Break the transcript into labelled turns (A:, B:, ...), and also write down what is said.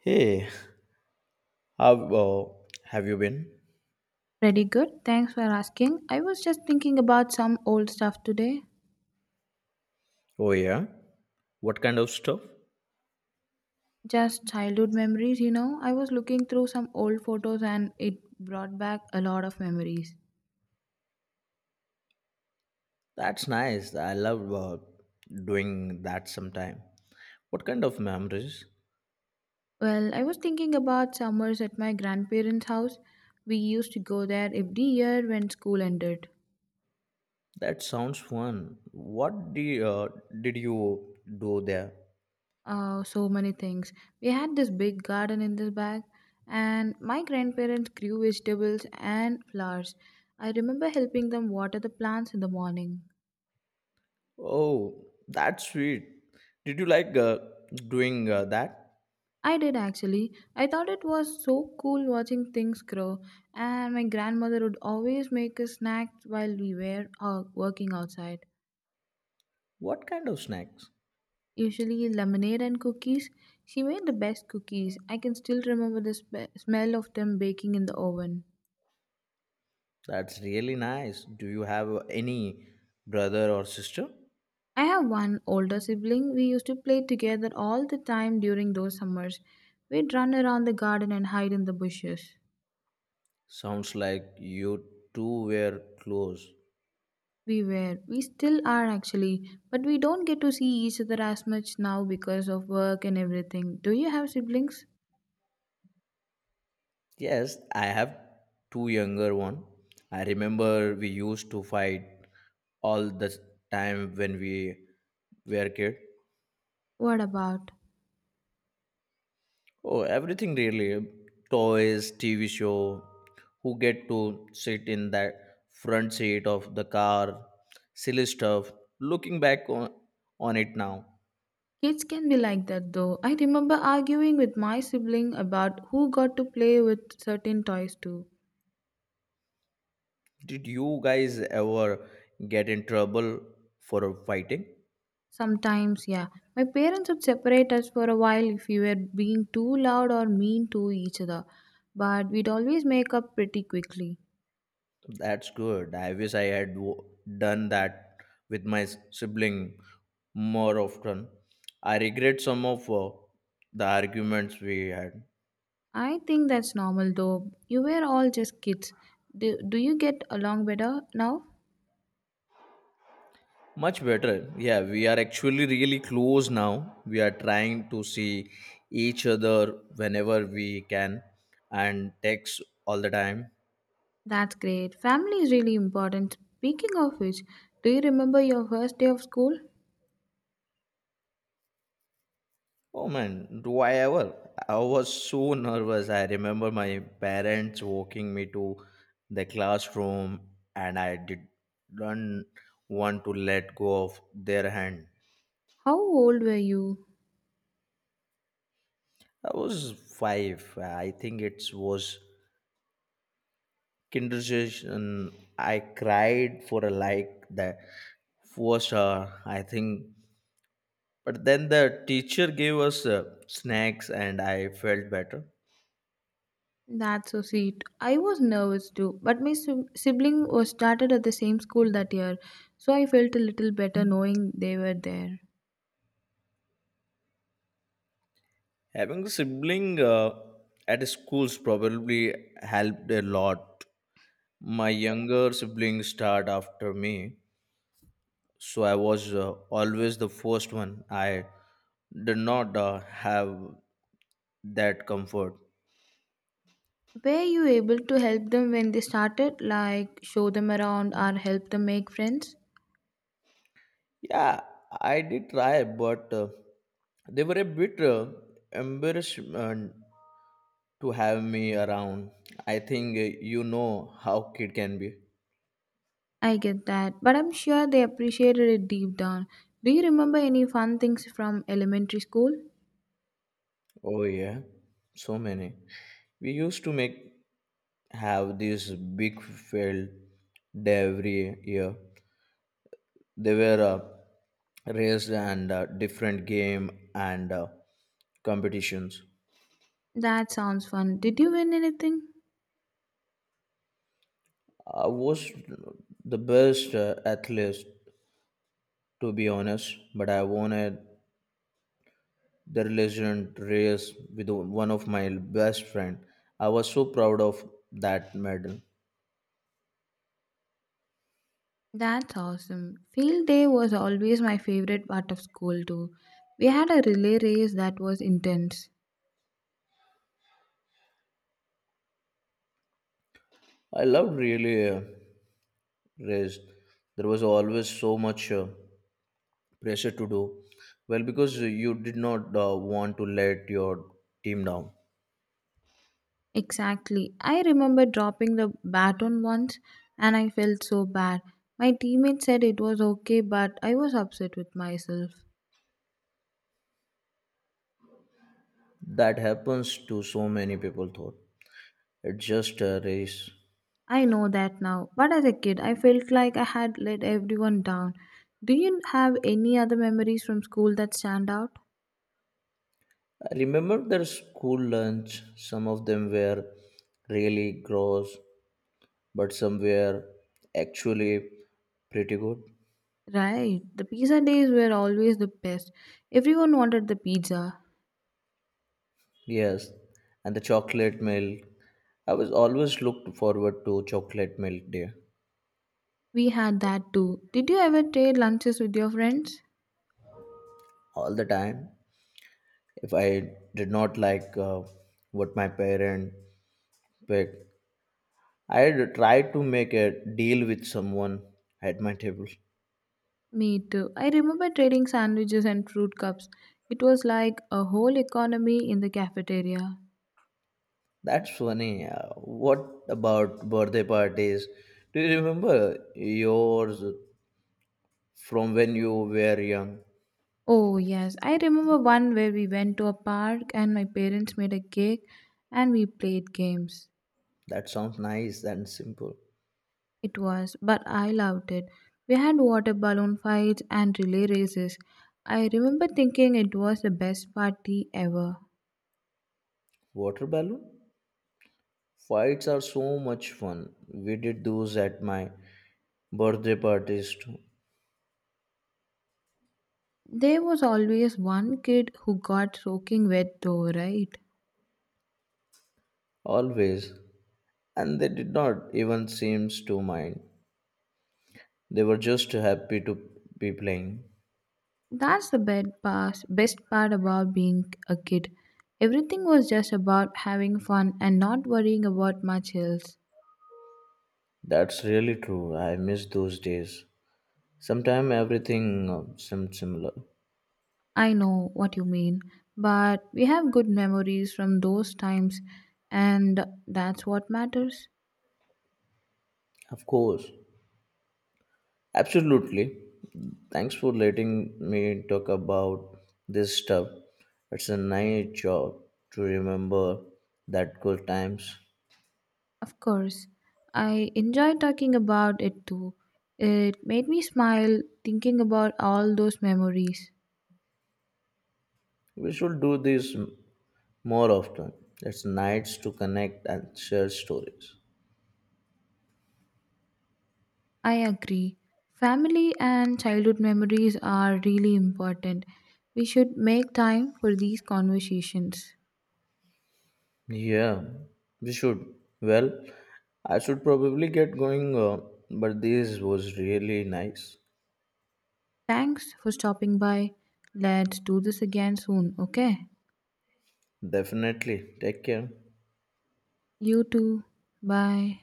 A: Hey, how uh, have you been?
B: Pretty good. Thanks for asking. I was just thinking about some old stuff today.
A: Oh, yeah. What kind of stuff?
B: Just childhood memories, I was looking through some old photos and it brought back a lot of memories.
A: That's nice. I love doing that sometime. What kind of memories?
B: Well, I was thinking about summers at my grandparents' house. We used to go there every year when school ended.
A: That sounds fun. Did you do there?
B: So many things. We had this big garden in the back, and my grandparents grew vegetables and flowers. I remember helping them water the plants in the morning.
A: Oh, that's sweet. Did you like doing that?
B: I did actually. I thought it was so cool watching things grow, and my grandmother would always make us snacks while we were working outside.
A: What kind of snacks?
B: Usually lemonade and cookies. She made the best cookies. I can still remember the smell of them baking in the oven.
A: That's really nice. Do you have any brother or sister?
B: I have one older sibling. We used to play together all the time during those summers. We'd run around the garden and hide in the bushes.
A: Sounds like you two were close.
B: We were. We still are actually, but we don't get to see each other as much now because of work and everything. Do you have siblings?
A: Yes, I have two younger one. I remember we used to fight all the time when we were kid.
B: What about?
A: Oh, everything really. Toys, TV show, who get to sit in that front seat of the car, silly stuff. Looking back on it now,
B: Kids can be like that though. I remember arguing with my sibling about who got to play with certain toys too.
A: did you guys ever get in trouble for fighting?
B: Sometimes, yeah. My parents would separate us for a while if we were being too loud or mean to each other, but we'd always make up pretty quickly.
A: That's good. I wish I had w- Done that with my sibling more often. I regret some of the arguments we had.
B: I think that's normal though. You were all just kids. Do you get along better now?
A: Much better. Yeah, we are actually really close now. We are trying to see each other whenever we can and text all the time.
B: That's great. Family is really important. Speaking of which, do you remember your first day of school?
A: Oh man, do I ever? I was so nervous. I remember my parents walking me to the classroom and I didn't want to let go of their hand.
B: How old were you?
A: I was five. I think it was kindergarten. I cried for a like that, first hour, I think. But then the teacher gave us snacks and I felt better.
B: That's so sweet. I was nervous too, but my sibling was started at the same school that year, so I felt a little better knowing they were there.
A: Having a sibling at schools probably helped a lot. My younger siblings start after me, so I was always the first one. I did not have that comfort.
B: Were you able to help them when they started, like show them around or help them make friends?
A: Yeah, I did try, but they were a bit embarrassment to have me around. I think you know how kid can be.
B: I get that, but I'm sure they appreciated it deep down. Do you remember any fun things from elementary school?
A: Oh yeah, so many. We used to make have this big field day every year. They were raised and different game and competitions.
B: That sounds fun. Did you win anything?
A: I was the best athlete to be honest, but I wanted the legend race with one of my best friend. I was so proud of that medal.
B: That's awesome. Field day was always my favorite part of school, too. We had a relay race that was intense.
A: I loved really race. There was always so much. Pressure to do well because you did not want to let your team down.
B: Exactly. I remember dropping the baton once and I felt so bad. My teammate said it was okay, but I was upset with myself.
A: That happens to so many people thought it's just a race.
B: I know that now, but as a kid, I felt like I had let everyone down. Do you have any other memories from school that stand out?
A: I remember their school lunch, some of them were really gross, but some were actually pretty good.
B: Right, the pizza days were always the best. Everyone wanted the pizza.
A: Yes, and the chocolate milk, I was always looked forward to chocolate milk day
B: We had that too. Did you ever trade lunches with your friends?
A: all the time. If I did not like what my parent. Wait, I had tried to make a deal with someone at my table.
B: Me too. I remember trading sandwiches and fruit cups. It was like a whole economy in the cafeteria.
A: That's funny. What about birthday parties? Do you remember yours from when you were young?
B: Oh, yes. I remember one where we went to a park and my parents made a cake and we played games.
A: That sounds nice and simple.
B: It was, but I loved it. We had water balloon fights and relay races. I remember thinking it was the best party ever.
A: Water balloon? Fights are so much fun. We did those at my birthday parties too.
B: There was always one kid who got soaking wet though, right?
A: Always. And they did not even seem to mind. They were just happy to be playing.
B: That's the best part about being a kid. Everything was just about having fun and not worrying about much else.
A: That's really true. I miss those days. Sometime everything seemed similar.
B: I know what you mean, but we have good memories from those times, and that's what matters.
A: Of course. Absolutely. Thanks for letting me talk about this stuff. It's a nice job to remember that good times.
B: Of course, I enjoy talking about it too. It made me smile thinking about all those memories.
A: We should do this m- More often. It's nice to connect and share stories.
B: I agree. Family and childhood memories are really important. We should make time for these conversations.
A: Yeah, we should. Well, I should probably get going, but this was really nice.
B: Thanks for stopping by. Let's do this again soon, okay?
A: Definitely. Take care.
B: You too. Bye.